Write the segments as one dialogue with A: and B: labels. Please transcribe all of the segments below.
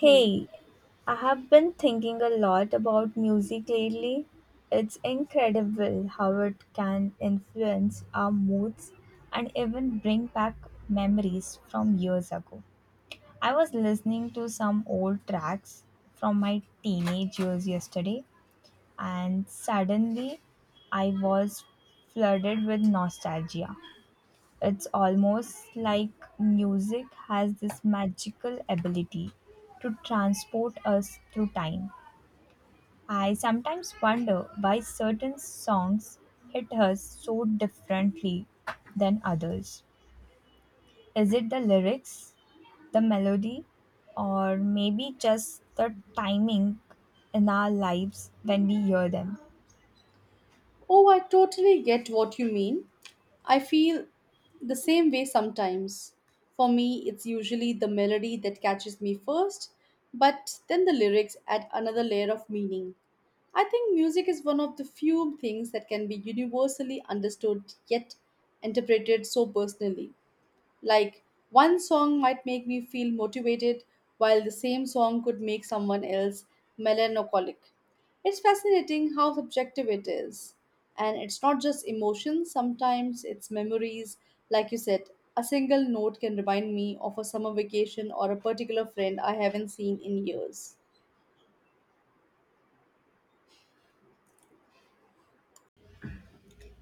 A: Hmm.
B: Hey, I have been thinking a lot about music lately. It's incredible how it can influence our moods and even bring back memories from years ago. I was listening to some old tracks from my teenage years yesterday, and suddenly I was flooded with nostalgia. It's almost like music has this magical ability to transport us through time. I sometimes wonder why certain songs hit us so differently than others. Is it the lyrics, the melody, or maybe just the timing in our lives when we hear them?
A: Oh, I totally get what you mean. I feel the same way sometimes. For me, it's usually the melody that catches me first, but then the lyrics add another layer of meaning. I think music is one of the few things that can be universally understood yet interpreted so personally. Like, one song might make me feel motivated, while the same song could make someone else melancholic. It's fascinating how subjective it is. And it's not just emotions, sometimes it's memories. Like you said, a single note can remind me of a summer vacation or a particular friend I haven't seen in years.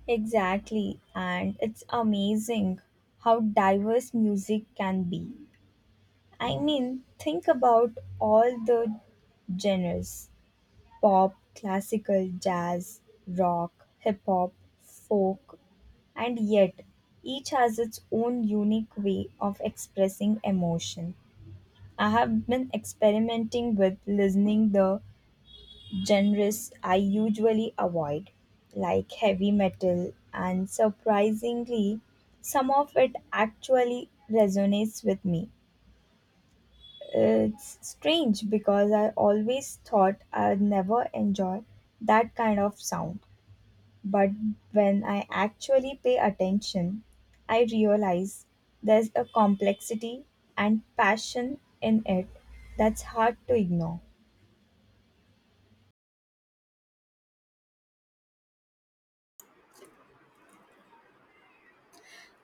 B: Exactly, and it's amazing how diverse music can be. I mean, think about all the genres: pop, classical, jazz, rock, hip hop, folk, and yet each has its own unique way of expressing emotion. I have been experimenting with listening the genres I usually avoid, like heavy metal, and surprisingly, some of it actually resonates with me. It's strange because I always thought I'd never enjoy that kind of sound, but when I actually pay attention, I realize there's a complexity and passion in it that's hard to ignore.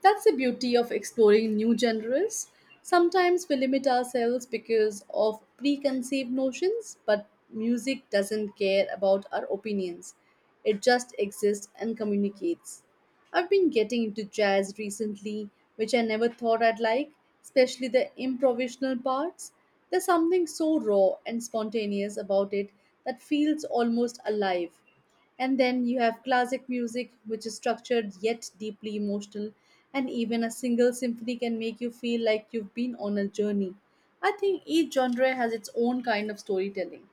A: That's the beauty of exploring new genres. Sometimes we limit ourselves because of preconceived notions, but music doesn't care about our opinions. It just exists and communicates. I've been getting into jazz recently, which I never thought I'd like, especially the improvisational parts. There's something so raw and spontaneous about it that feels almost alive. And then you have classic music, which is structured yet deeply emotional, and even a single symphony can make you feel like you've been on a journey. I think each genre has its own kind of storytelling.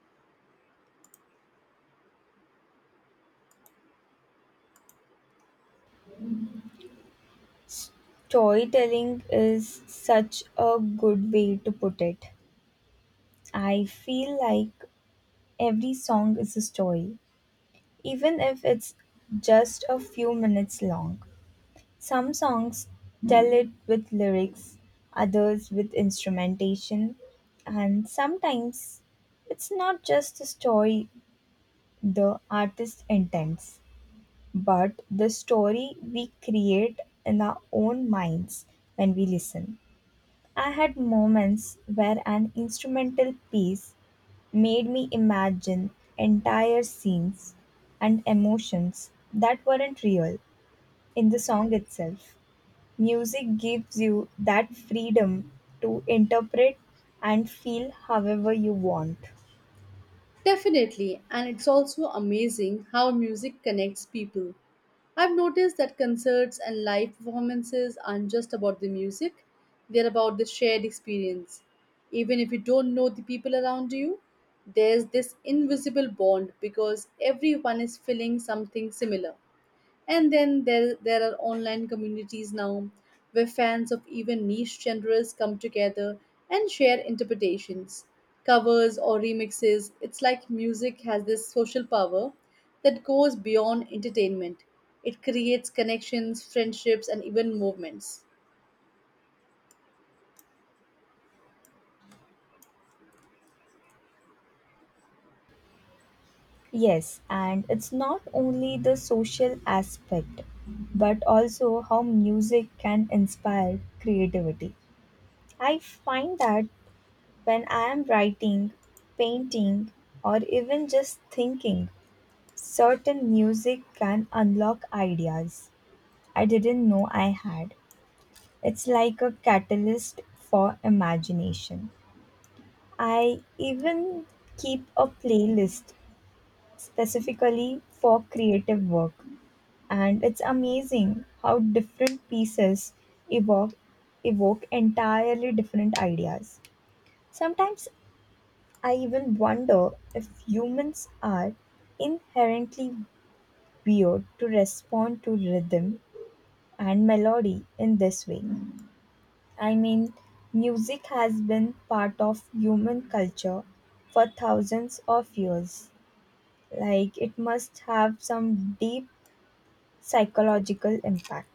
B: Storytelling is such a good way to put it. I feel like every song is a story, even if it's just a few minutes long. Some songs tell it with lyrics, others with instrumentation, and sometimes it's not just the story the artist intends, but the story we create in our own minds when we listen. I had moments where an instrumental piece made me imagine entire scenes and emotions that weren't real in the song itself. Music gives you that freedom to interpret and feel however you want.
A: Definitely, and it's also amazing how music connects people. I've noticed that concerts and live performances aren't just about the music, they're about the shared experience. Even if you don't know the people around you, there's this invisible bond because everyone is feeling something similar. And then there are online communities now where fans of even niche genres come together and share interpretations, covers, or remixes. It's like music has this social power that goes beyond entertainment. It creates connections, friendships, and even movements.
B: Yes, and it's not only the social aspect, but also how music can inspire creativity. I find that when I am writing, painting, or even just thinking, certain music can unlock ideas I didn't know I had. It's like a catalyst for imagination. I even keep a playlist specifically for creative work, and it's amazing how different pieces evoke, evoke entirely different ideas. Sometimes I even wonder if humans are inherently weird to respond to rhythm and melody in this way. I mean, music has been part of human culture for thousands of years. Like, it must have some deep psychological impact,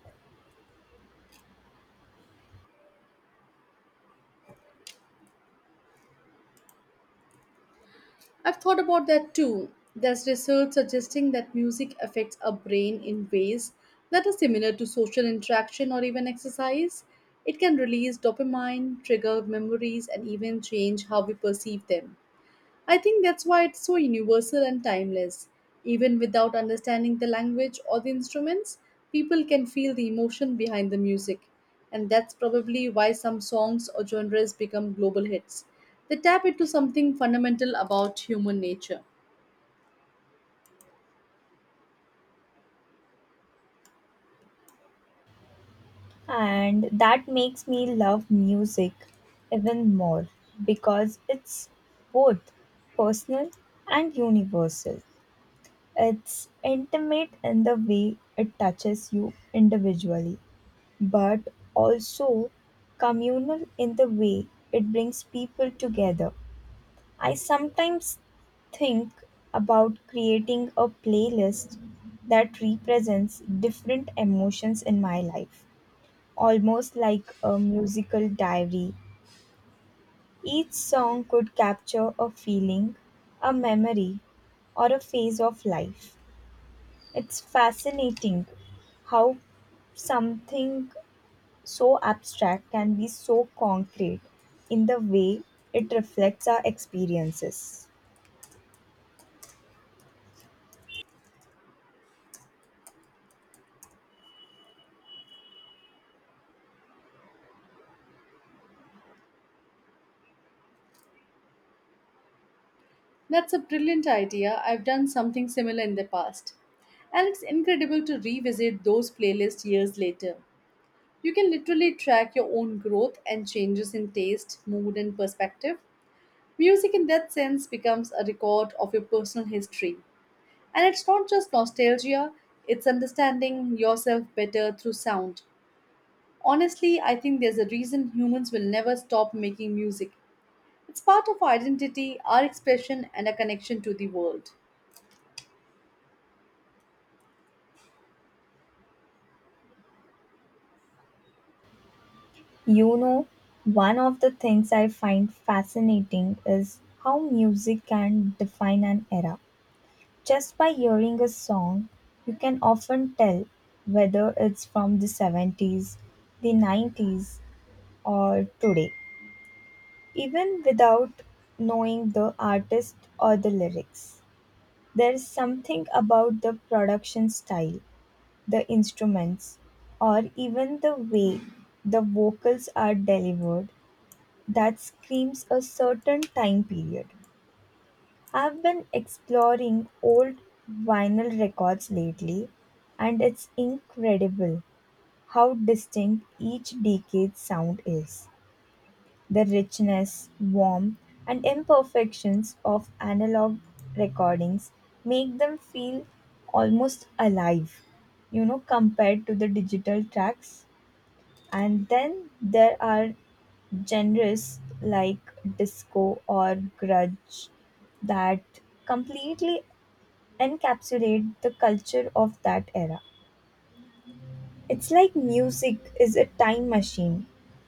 A: I've thought about that too. There's research suggesting that music affects our brain in ways that are similar to social interaction or even exercise. It can release dopamine, trigger memories, and even change how we perceive them. I think that's why it's so universal and timeless. Even without understanding the language or the instruments, people can feel the emotion behind the music. And that's probably why some songs or genres become global hits. They tap into something fundamental about human nature.
B: and that makes me love music even more because it's both personal and universal. It's intimate in the way it touches you individually, but also communal in the way it brings people together. I sometimes think about creating a playlist that represents different emotions in my life, almost like a musical diary. Each song could capture a feeling, a memory, or a phase of life. It's fascinating how something so abstract can be so concrete in the way it reflects our experiences.
A: That's a brilliant idea. I've done something similar in the past. And it's incredible to revisit those playlists years later. You can literally track your own growth and changes in taste, mood, and perspective. Music, in that sense, becomes a record of your personal history. And it's not just nostalgia, it's understanding yourself better through sound. Honestly, I think there's a reason humans will never stop making music. It's part of our identity, our expression, and our connection to the world.
B: You know, one of the things I find fascinating is how music can define an era. Just by hearing a song, you can often tell whether it's from the 70s, the 90s, or today, even without knowing the artist or the lyrics. There's something about the production style, the instruments, or even the way the vocals are delivered that screams a certain time period. I've been exploring old vinyl records lately, and it's incredible how distinct each decade's sound is. The richness, warmth, and imperfections of analog recordings make them feel almost alive, you know, compared to the digital tracks. And then there are genres like disco or grunge that completely encapsulate the culture of that era. It's like music is a time machine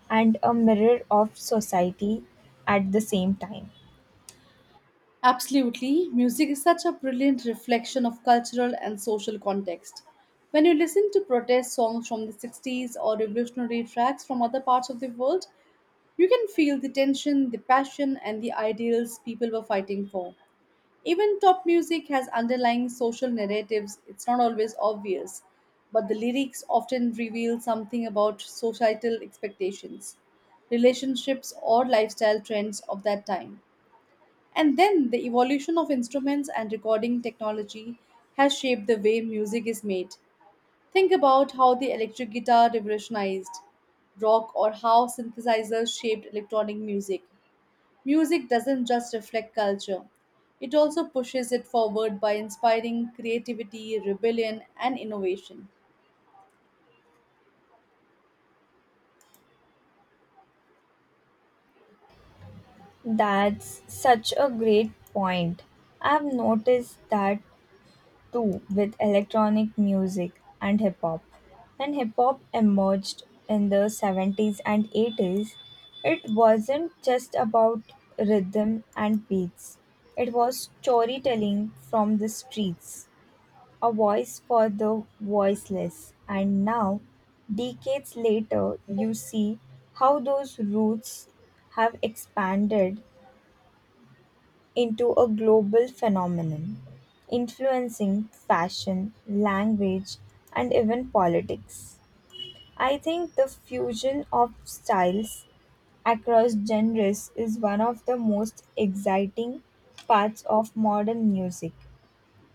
B: and a mirror of society at the same time.
A: Absolutely. Music is such a brilliant reflection of cultural and social context. When you listen to protest songs from the 60s or revolutionary tracks from other parts of the world, you can feel the tension, the passion, and the ideals people were fighting for. Even top music has underlying social narratives, it's not always obvious, but the lyrics often reveal something about societal expectations, relationships, or lifestyle trends of that time. And then the evolution of instruments and recording technology has shaped the way music is made. Think about how the electric guitar revolutionized rock or how synthesizers shaped electronic music. Music doesn't just reflect culture, it also pushes it forward by inspiring creativity, rebellion, and innovation.
B: That's such a great point. I've noticed that too with electronic music and hip hop. When hip hop emerged in the 70s and 80s, it wasn't just about rhythm and beats, it was storytelling from the streets, a voice for the voiceless. And now, decades later, you see how those roots have expanded into a global phenomenon, influencing fashion, language, and even politics. I think the fusion of styles across genres is one of the most exciting parts of modern music.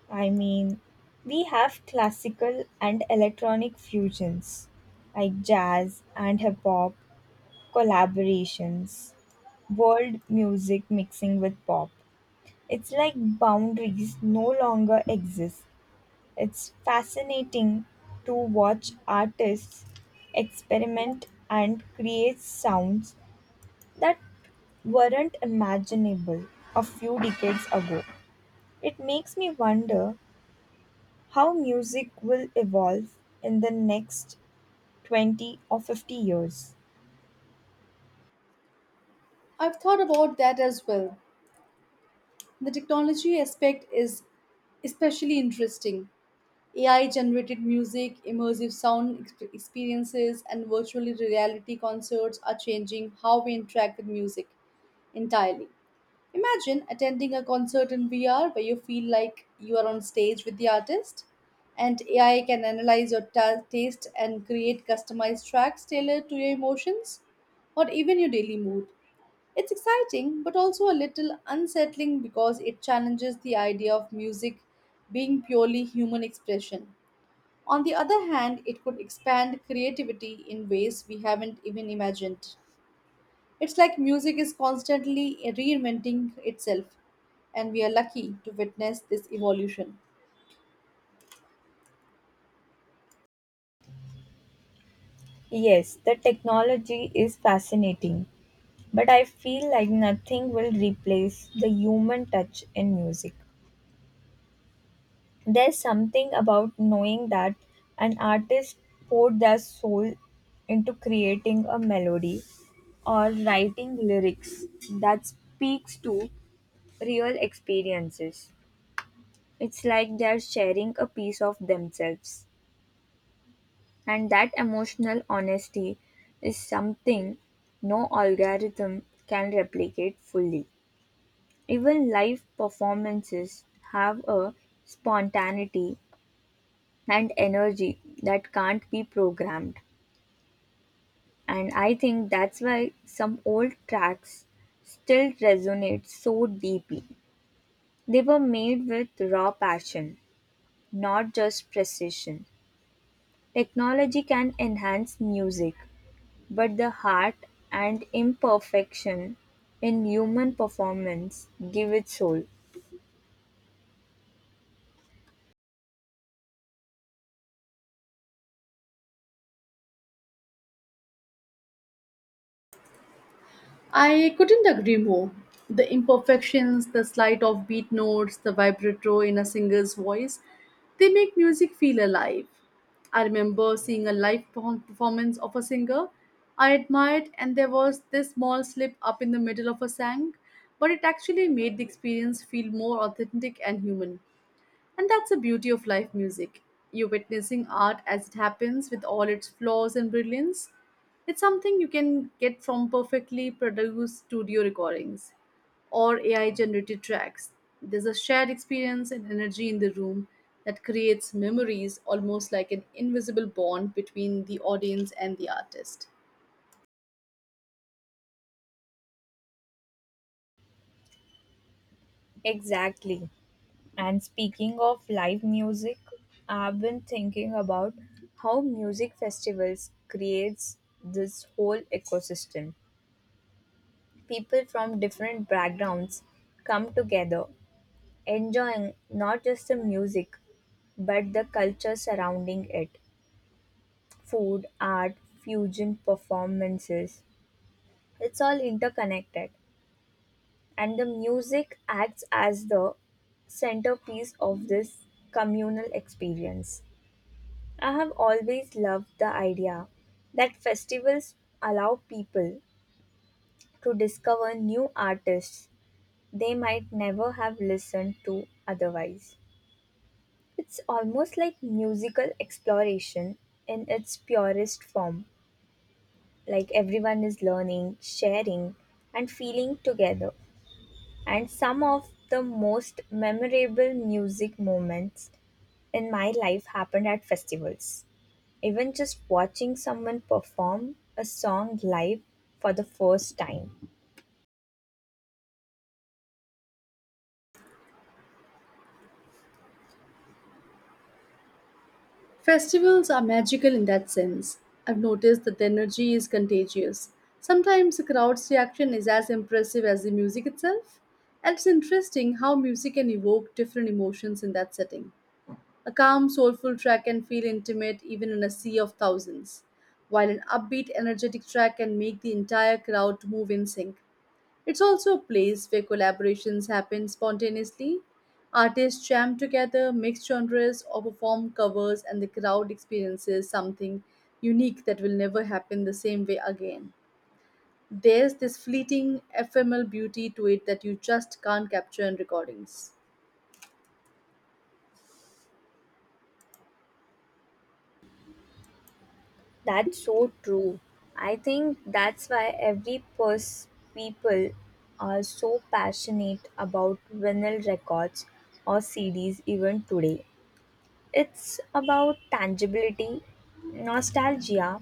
B: I mean, we have classical and electronic fusions, like jazz and hip hop collaborations, world music mixing with pop. It's like boundaries no longer exist. It's fascinating to watch artists experiment and create sounds that weren't imaginable a few decades ago. It makes me wonder how music will evolve in the next 20 or 50 years.
A: I've thought about that as well. The technology aspect is especially interesting. AI generated music, immersive sound experiences, and virtual reality concerts are changing how we interact with music entirely. Imagine attending a concert in VR where you feel like you are on stage with the artist, and AI can analyze your taste and create customized tracks tailored to your emotions or even your daily mood. It's exciting but also a little unsettling because it challenges the idea of music being purely human expression. On the other hand, it could expand creativity in ways we haven't even imagined. It's like music is constantly reinventing itself, and we are lucky to witness this evolution.
B: Yes, the technology is fascinating, but I feel like nothing will replace the human touch in music. There's something about knowing that an artist poured their soul into creating a melody or writing lyrics that speaks to real experiences. It's like they're sharing a piece of themselves. And that emotional honesty is something no algorithm can replicate fully. Even live performances have a spontaneity and energy that can't be programmed. And I think that's why some old tracks still resonate so deeply. They were made with raw passion, not just precision. Technology can enhance music, but the heart and imperfection in human performance give it soul.
A: I couldn't agree more. The imperfections, the slight offbeat notes, the vibrato in a singer's voice, they make music feel alive. I remember seeing a live performance of a singer I admired, and there was this small slip up in the middle of a sang, but it actually made the experience feel more authentic and human. And that's the beauty of live music. You're witnessing art as it happens with all its flaws and brilliance. It's something you can get from perfectly produced studio recordings or AI generated tracks. There's a shared experience and energy in the room that creates memories almost like an invisible bond between the audience and the artist.
B: Exactly. And speaking of live music, I've been thinking about how music festivals creates this whole ecosystem. People from different backgrounds come together, enjoying not just the music but the culture surrounding it. Food, art, fusion performances. It's all interconnected. And the music acts as the centerpiece of this communal experience. I have always loved the idea that festivals allow people to discover new artists they might never have listened to otherwise. It's almost like musical exploration in its purest form, like everyone is learning, sharing, and feeling together. And some of the most memorable music moments in my life happened at festivals. Even just watching someone perform a song live for the first time.
A: Festivals are magical in that sense. I've noticed that the energy is contagious. Sometimes the crowd's reaction is as impressive as the music itself. And it's interesting how music can evoke different emotions in that setting. A calm, soulful track can feel intimate even in a sea of thousands, while an upbeat, energetic track can make the entire crowd move in sync. It's also a place where collaborations happen spontaneously. Artists jam together, mix genres, or perform covers, and the crowd experiences something unique that will never happen the same way again. There's this fleeting, ephemeral beauty to it that you just can't capture in recordings.
B: That's so true. I think that's why people are so passionate about vinyl records or CDs even today. It's about tangibility, nostalgia,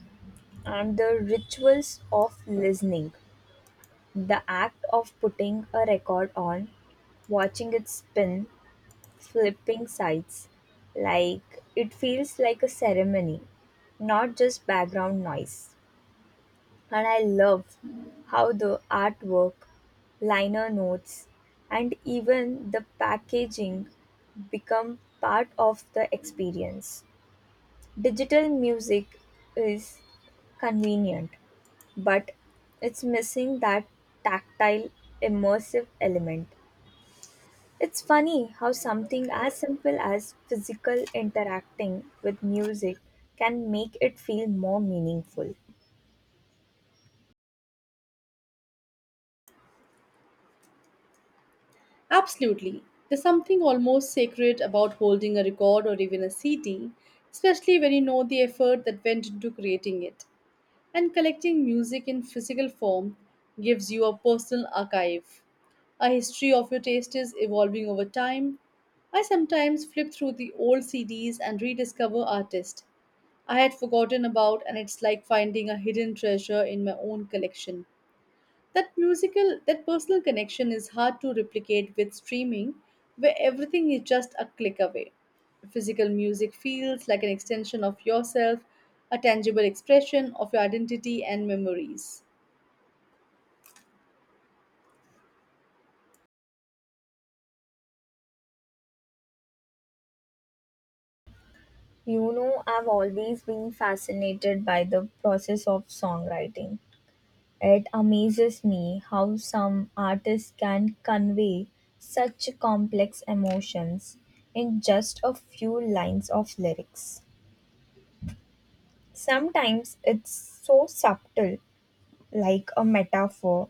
B: and the rituals of listening. The act of putting a record on, watching it spin, flipping sides. Like, it feels like a ceremony, not just background noise. And I love how the artwork, liner notes, and even the packaging become part of the experience. Digital music is convenient, but it's missing that tactile, immersive element. It's funny how something as simple as physical interacting with music can make it feel more meaningful.
A: Absolutely. There's something almost sacred about holding a record or even a CD, especially when you know the effort that went into creating it. And collecting music in physical form gives you a personal archive. A history of your taste is evolving over time. I sometimes flip through the old CDs and rediscover artists I had forgotten about, and it's like finding a hidden treasure in my own collection. That musical, that personal connection is hard to replicate with streaming, where everything is just a click away. Physical music feels like an extension of yourself, a tangible expression of your identity and memories.
B: You know, I've always been fascinated by the process of songwriting. It amazes me how some artists can convey such complex emotions in just a few lines of lyrics. Sometimes it's so subtle, like a metaphor,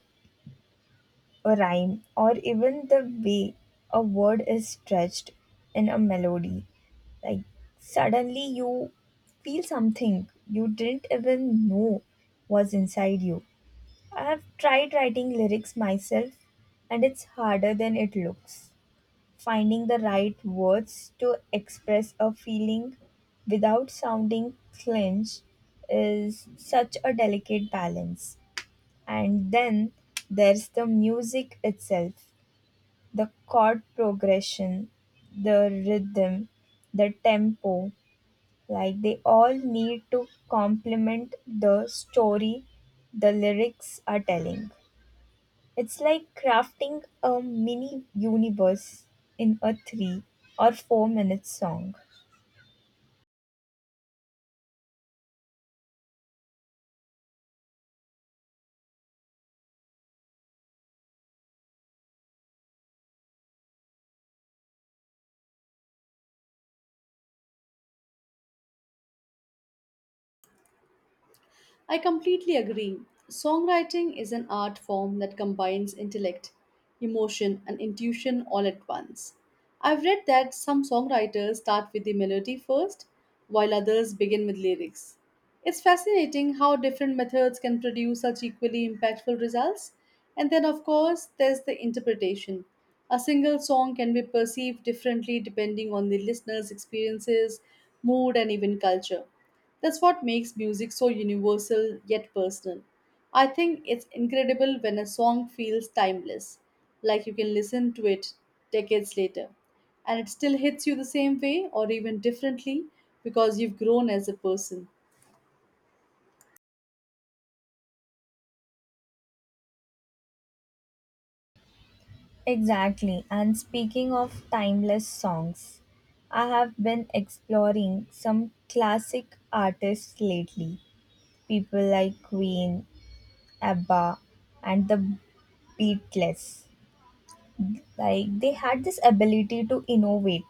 B: a rhyme, or even the way a word is stretched in a melody. Like, suddenly you feel something you didn't even know was inside you. I have tried writing lyrics myself, and it's harder than it looks. Finding the right words to express a feeling without sounding clinch is such a delicate balance. And then there's the music itself, the chord progression, the rhythm, the tempo, like they all need to complement the story the lyrics are telling. It's like crafting a mini universe in a 3 or 4 minute song.
A: I completely agree. Songwriting is an art form that combines intellect, emotion, and intuition all at once. I've read that some songwriters start with the melody first, while others begin with lyrics. It's fascinating how different methods can produce such equally impactful results. And then, of course, there's the interpretation. A single song can be perceived differently depending on the listener's experiences, mood, and even culture. That's what makes music so universal yet personal. I think it's incredible when a song feels timeless, like you can listen to it decades later, and it still hits you the same way or even differently because you've grown as a person.
B: Exactly. And speaking of timeless songs, I have been exploring some classic artists lately. People like Queen, ABBA, and the Beatles. Like, they had this ability to innovate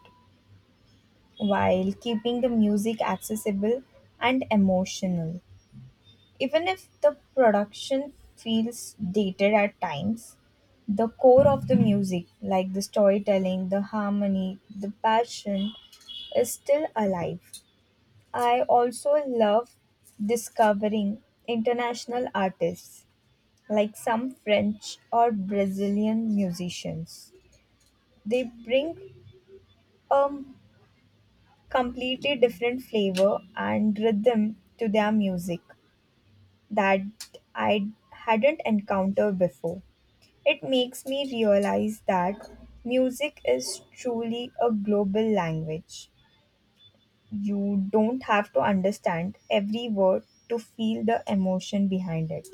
B: while keeping the music accessible and emotional. Even if the production feels dated at times, the core of the music, like the storytelling, the harmony, the passion, is still alive. I also love discovering international artists like some French or Brazilian musicians. They bring a completely different flavor and rhythm to their music that I hadn't encountered before. It makes me realize that music is truly a global language. You don't have to understand every word to feel the emotion behind it.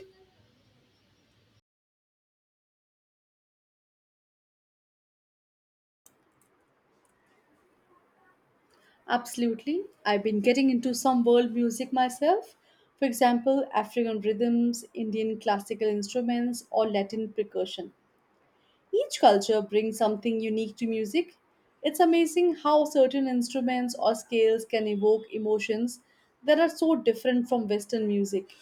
A: Absolutely. I've been getting into some world music myself. For example, African rhythms, Indian classical instruments, or Latin percussion. Each culture brings something unique to music. It's amazing how certain instruments or scales can evoke emotions that are so different from Western music.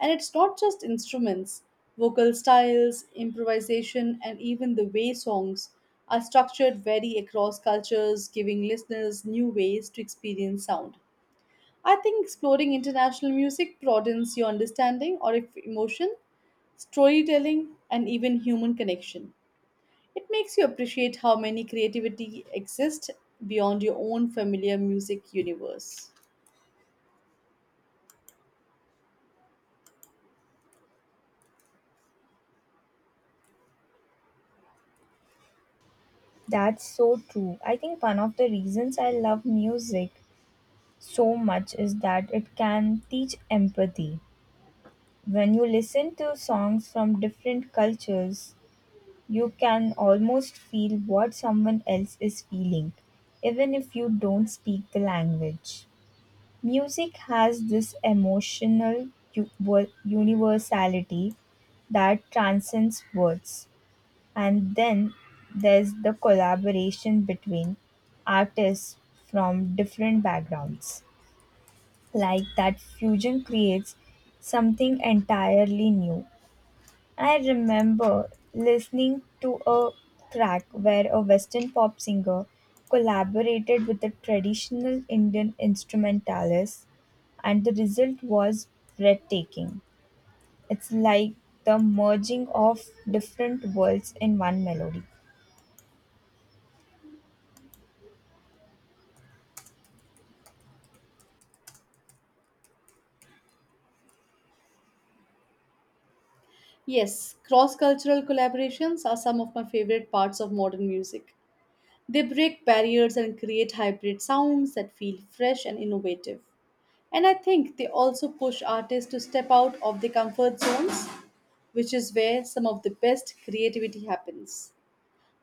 A: And it's not just instruments, vocal styles, improvisation, and even the way songs are structured vary across cultures, giving listeners new ways to experience sound. I think exploring international music broadens your understanding or if emotion, storytelling, and even human connection. It makes you appreciate how many creativity exists beyond your own familiar music universe.
B: That's so true. I think one of the reasons I love music so much is that it can teach empathy. When you listen to songs from different cultures, you can almost feel what someone else is feeling, even if you don't speak the language. Music has this emotional universality that transcends words. And then there's the collaboration between artists from different backgrounds, like that fusion creates something entirely new. I remember listening to a track where a Western pop singer collaborated with a traditional Indian instrumentalist, and the result was breathtaking. It's like the merging of different worlds in one melody.
A: Yes, cross cultural collaborations are some of my favorite parts of modern music. They break barriers and create hybrid sounds that feel fresh and innovative. And I think they also push artists to step out of their comfort zones, which is where some of the best creativity happens.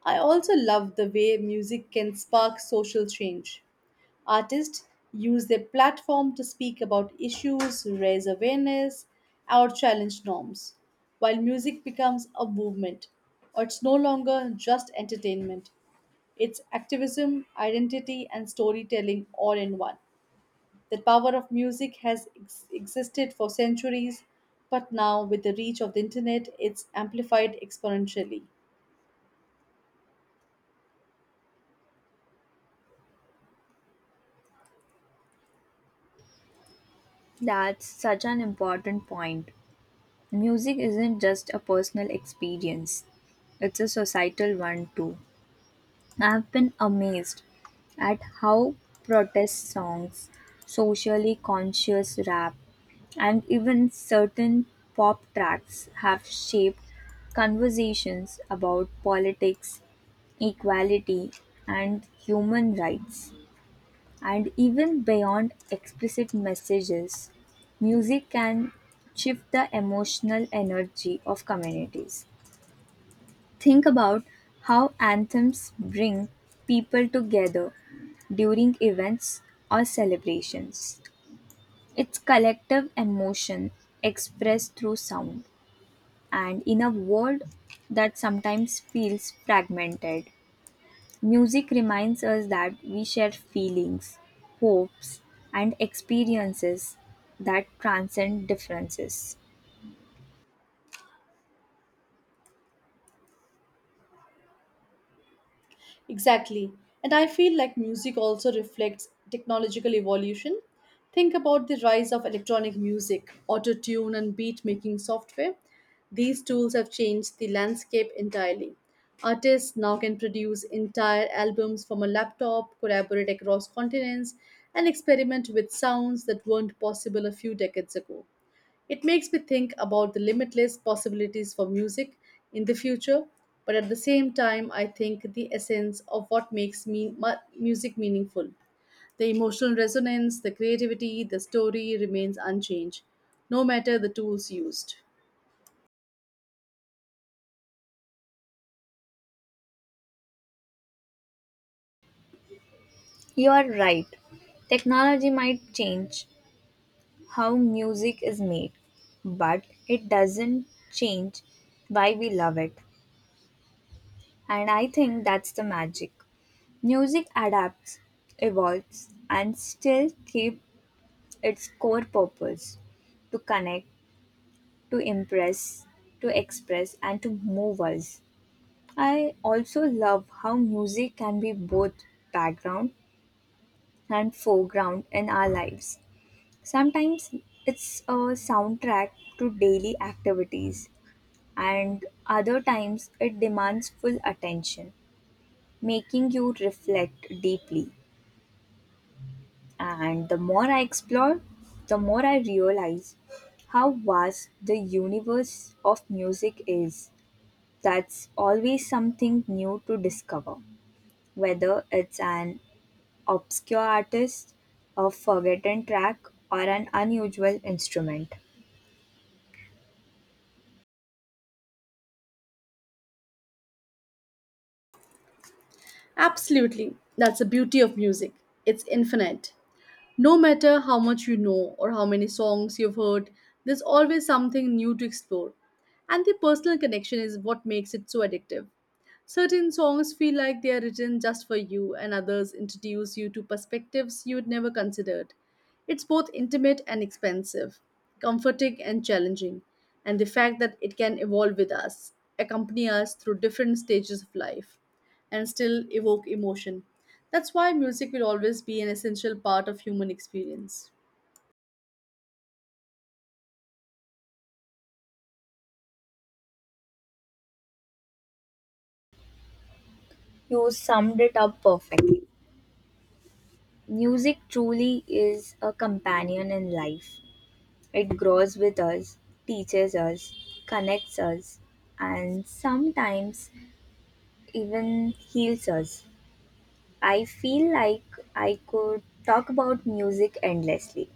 A: I also love the way music can spark social change. Artists use their platform to speak about issues, raise awareness, or challenge norms, while music becomes a movement. It's no longer just entertainment, it's activism, identity, and storytelling all in one. The power of music has existed for centuries, but now with the reach of the internet, it's amplified exponentially.
B: That's such an important point. Music isn't just a personal experience, it's a societal one too. I've been amazed at how protest songs, socially conscious rap, and even certain pop tracks have shaped conversations about politics, equality, and human rights. And even beyond explicit messages, music can shift the emotional energy of communities. Think about how anthems bring people together during events or celebrations. It's collective emotion expressed through sound. And in a world that sometimes feels fragmented, music reminds us that we share feelings, hopes, and experiences that transcend differences.
A: Exactly. And I feel like music also reflects technological evolution. Think about the rise of electronic music, auto tune, and beat making software. These tools have changed the landscape entirely. Artists now can produce entire albums from a laptop, collaborate across continents, and experiment with sounds that weren't possible a few decades ago. It makes me think about the limitless possibilities for music in the future, but at the same time, I think the essence of what makes music meaningful. The emotional resonance, the creativity, the story remains unchanged, no matter the tools used.
B: You are right. Technology might change how music is made, but it doesn't change why we love it. And I think that's the magic. Music adapts, evolves, and still keeps its core purpose: to connect, to impress, to express, and to move us. I also love how music can be both background and foreground in our lives. Sometimes it's a soundtrack to daily activities, and other times it demands full attention, making you reflect deeply. And the more I explore, the more I realize how vast the universe of music is. That's always something new to discover, whether it's an obscure artist, a forgotten track, or an unusual instrument.
A: Absolutely, that's the beauty of music. It's infinite. No matter how much you know or how many songs you've heard, there's always something new to explore. And the personal connection is what makes it so addictive. Certain songs feel like they are written just for you, and others introduce you to perspectives you'd never considered. It's both intimate and expensive, comforting and challenging, and the fact that it can evolve with us, accompany us through different stages of life, and still evoke emotion. That's why music will always be an essential part of human experience.
B: You summed it up perfectly. Music truly is a companion in life. It grows with us, teaches us, connects us, and sometimes even heals us. I feel like I could talk about music endlessly.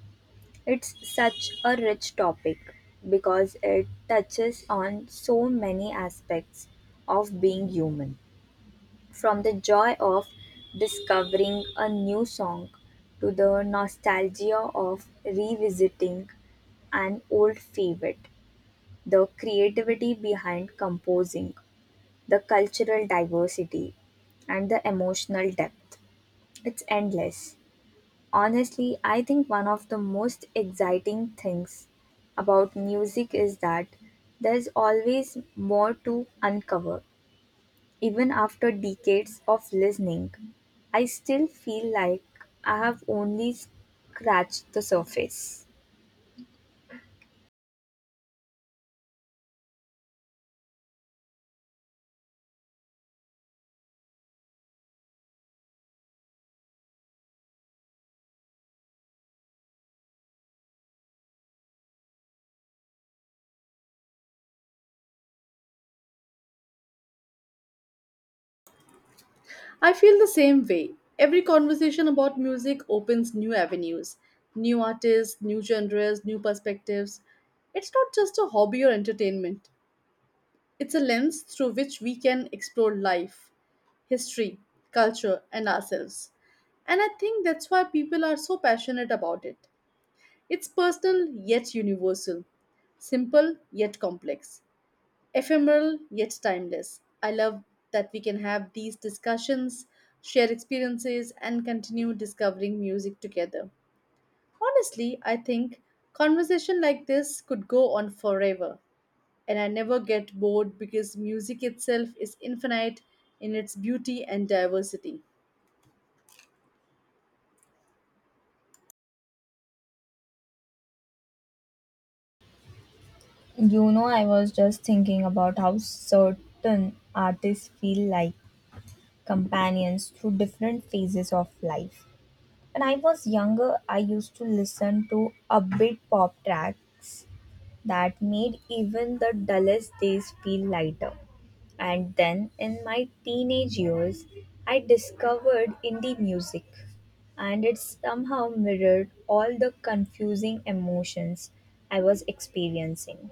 B: It's such a rich topic because it touches on so many aspects of being human, from the joy of discovering a new song to the nostalgia of revisiting an old favorite, the creativity behind composing, the cultural diversity, and the emotional depth. It's endless. Honestly, I think one of the most exciting things about music is that there's always more to uncover. Even after decades of listening, I still feel like I have only scratched the surface.
A: I feel the same way. Every conversation about music opens new avenues, new artists, new genres, new perspectives. It's not just a hobby or entertainment, it's a lens through which we can explore life, history, culture, and ourselves. And I think that's why people are so passionate about it. It's personal yet universal, simple yet complex, ephemeral yet timeless. I love that we can have these discussions, share experiences, and continue discovering music together. Honestly, I think conversation like this could go on forever, and I never get bored because music itself is infinite in its beauty and diversity.
B: You know, I was just thinking about how certain artists feel like companions through different phases of life. When I was younger, I used to listen to upbeat pop tracks that made even the dullest days feel lighter. And then in my teenage years, I discovered indie music, and it somehow mirrored all the confusing emotions I was experiencing.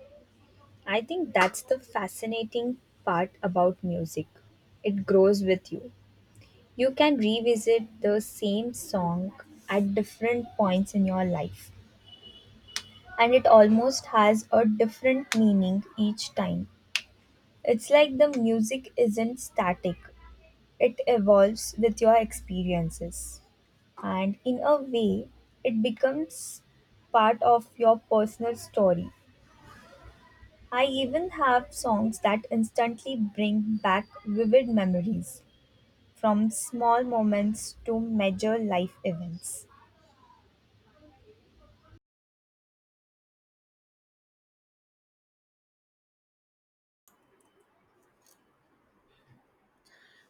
B: I think that's the fascinating part about music. It grows with you. You can revisit the same song at different points in your life, and it almost has a different meaning each time. It's like the music isn't static, it evolves with your experiences. And in a way, it becomes part of your personal story. I even have songs that instantly bring back vivid memories, from small moments to major life events.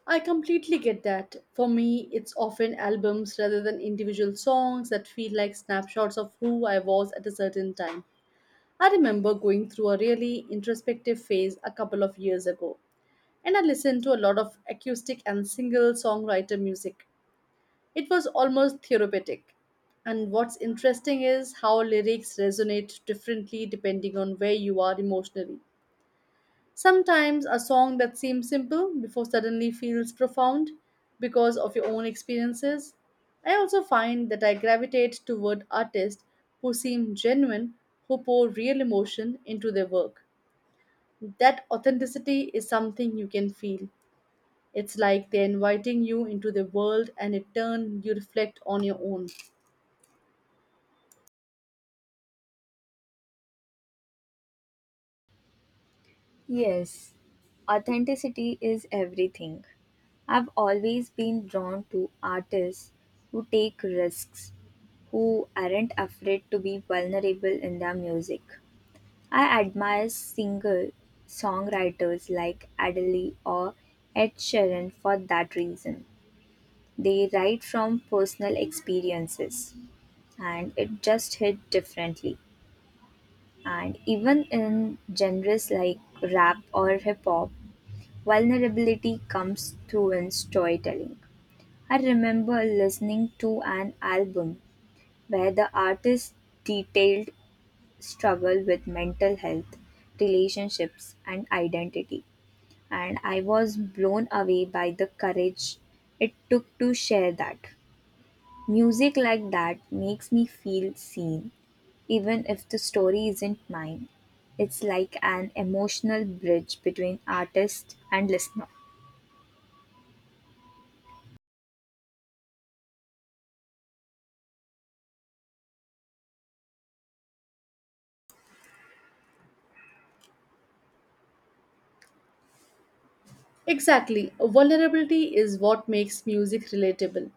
A: I completely get that. For me, it's often albums rather than individual songs that feel like snapshots of who I was at a certain time. I remember going through a really introspective phase a couple of years ago, and I listened to a lot of acoustic and single songwriter music. It was almost therapeutic. And what's interesting is how lyrics resonate differently depending on where you are emotionally. Sometimes a song that seems simple before suddenly feels profound because of your own experiences. I also find that I gravitate toward artists who seem genuine, who pour real emotion into their work, that authenticity is something you can feel. It's like they're inviting you into their world and in turn you reflect on your own.
B: Yes, authenticity is everything. I've always been drawn to artists who take risks, who aren't afraid to be vulnerable in their music. I admire single songwriters like Adele or Ed Sheeran for that reason. They write from personal experiences, and it just hit differently. And even in genres like rap or hip hop, vulnerability comes through in storytelling. I remember listening to an album where the artist detailed struggle with mental health, relationships, and identity. And I was blown away by the courage it took to share that. Music like that makes me feel seen, even if the story isn't mine. It's like an emotional bridge between artist and listener.
A: Exactly, vulnerability is what makes music relatable.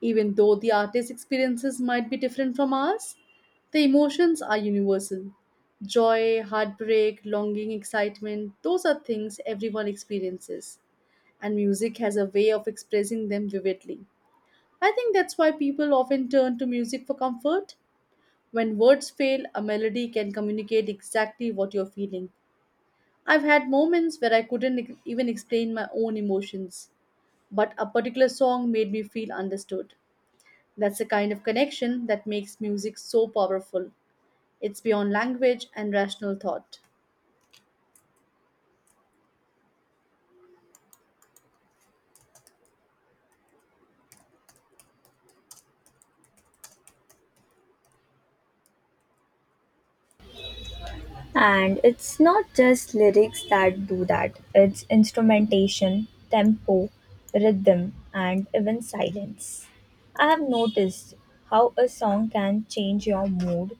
A: Even though the artist's experiences might be different from ours, the emotions are universal. Joy, heartbreak, longing, excitement, those are things everyone experiences. And music has a way of expressing them vividly. I think that's why people often turn to music for comfort. When words fail, a melody can communicate exactly what you're feeling. I've had moments where I couldn't even explain my own emotions, but a particular song made me feel understood. That's the kind of connection that makes music so powerful. It's beyond language and rational thought.
B: And it's not just lyrics that do that, it's instrumentation, tempo, rhythm, and even silence. I have noticed how a song can change your mood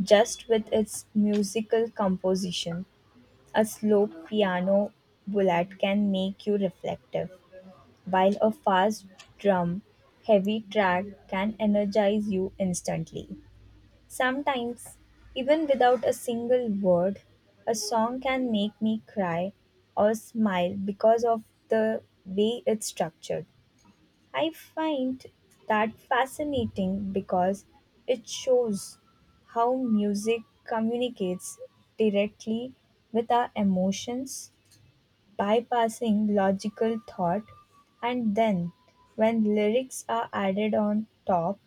B: just with its musical composition. A slow piano bullet can make you reflective, while a fast drum heavy track can energize you instantly. Sometimes, even without a single word, a song can make me cry or smile because of the way it's structured. I find that fascinating because it shows how music communicates directly with our emotions, bypassing logical thought, and then when lyrics are added on top,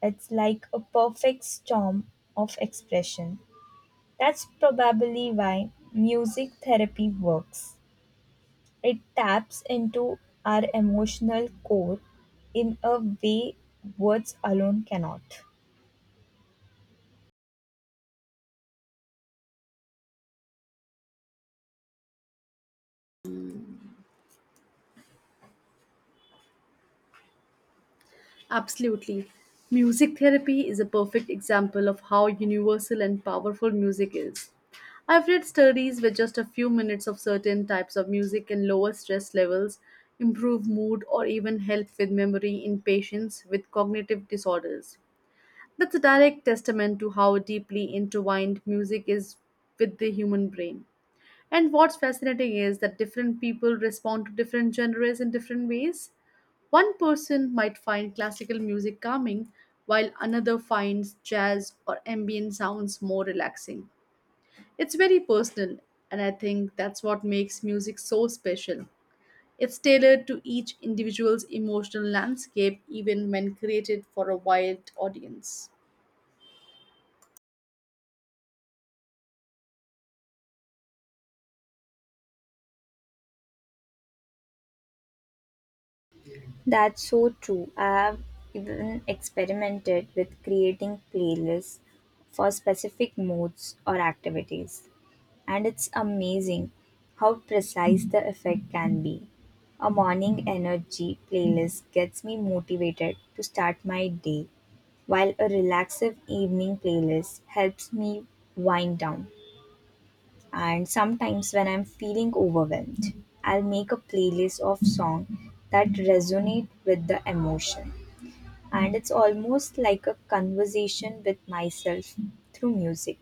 B: it's like a perfect storm of expression. That's probably why music therapy works. It taps into our emotional core in a way words alone cannot.
A: Absolutely. Music therapy is a perfect example of how universal and powerful music is. I've read studies where just a few minutes of certain types of music can lower stress levels, improve mood, or even help with memory in patients with cognitive disorders. That's a direct testament to how deeply intertwined music is with the human brain. And what's fascinating is that different people respond to different genres in different ways. One person might find classical music calming, while another finds jazz or ambient sounds more relaxing. It's very personal, and I think that's what makes music so special. It's tailored to each individual's emotional landscape, even when created for a wide audience.
B: That's so true. I have even experimented with creating playlists for specific moods or activities, and it's amazing how precise the effect can be. A morning energy playlist gets me motivated to start my day, while a relaxive evening playlist helps me wind down. And sometimes when I'm feeling overwhelmed, I'll make a playlist of songs that resonate with the emotion. And it's almost like a conversation with myself through music.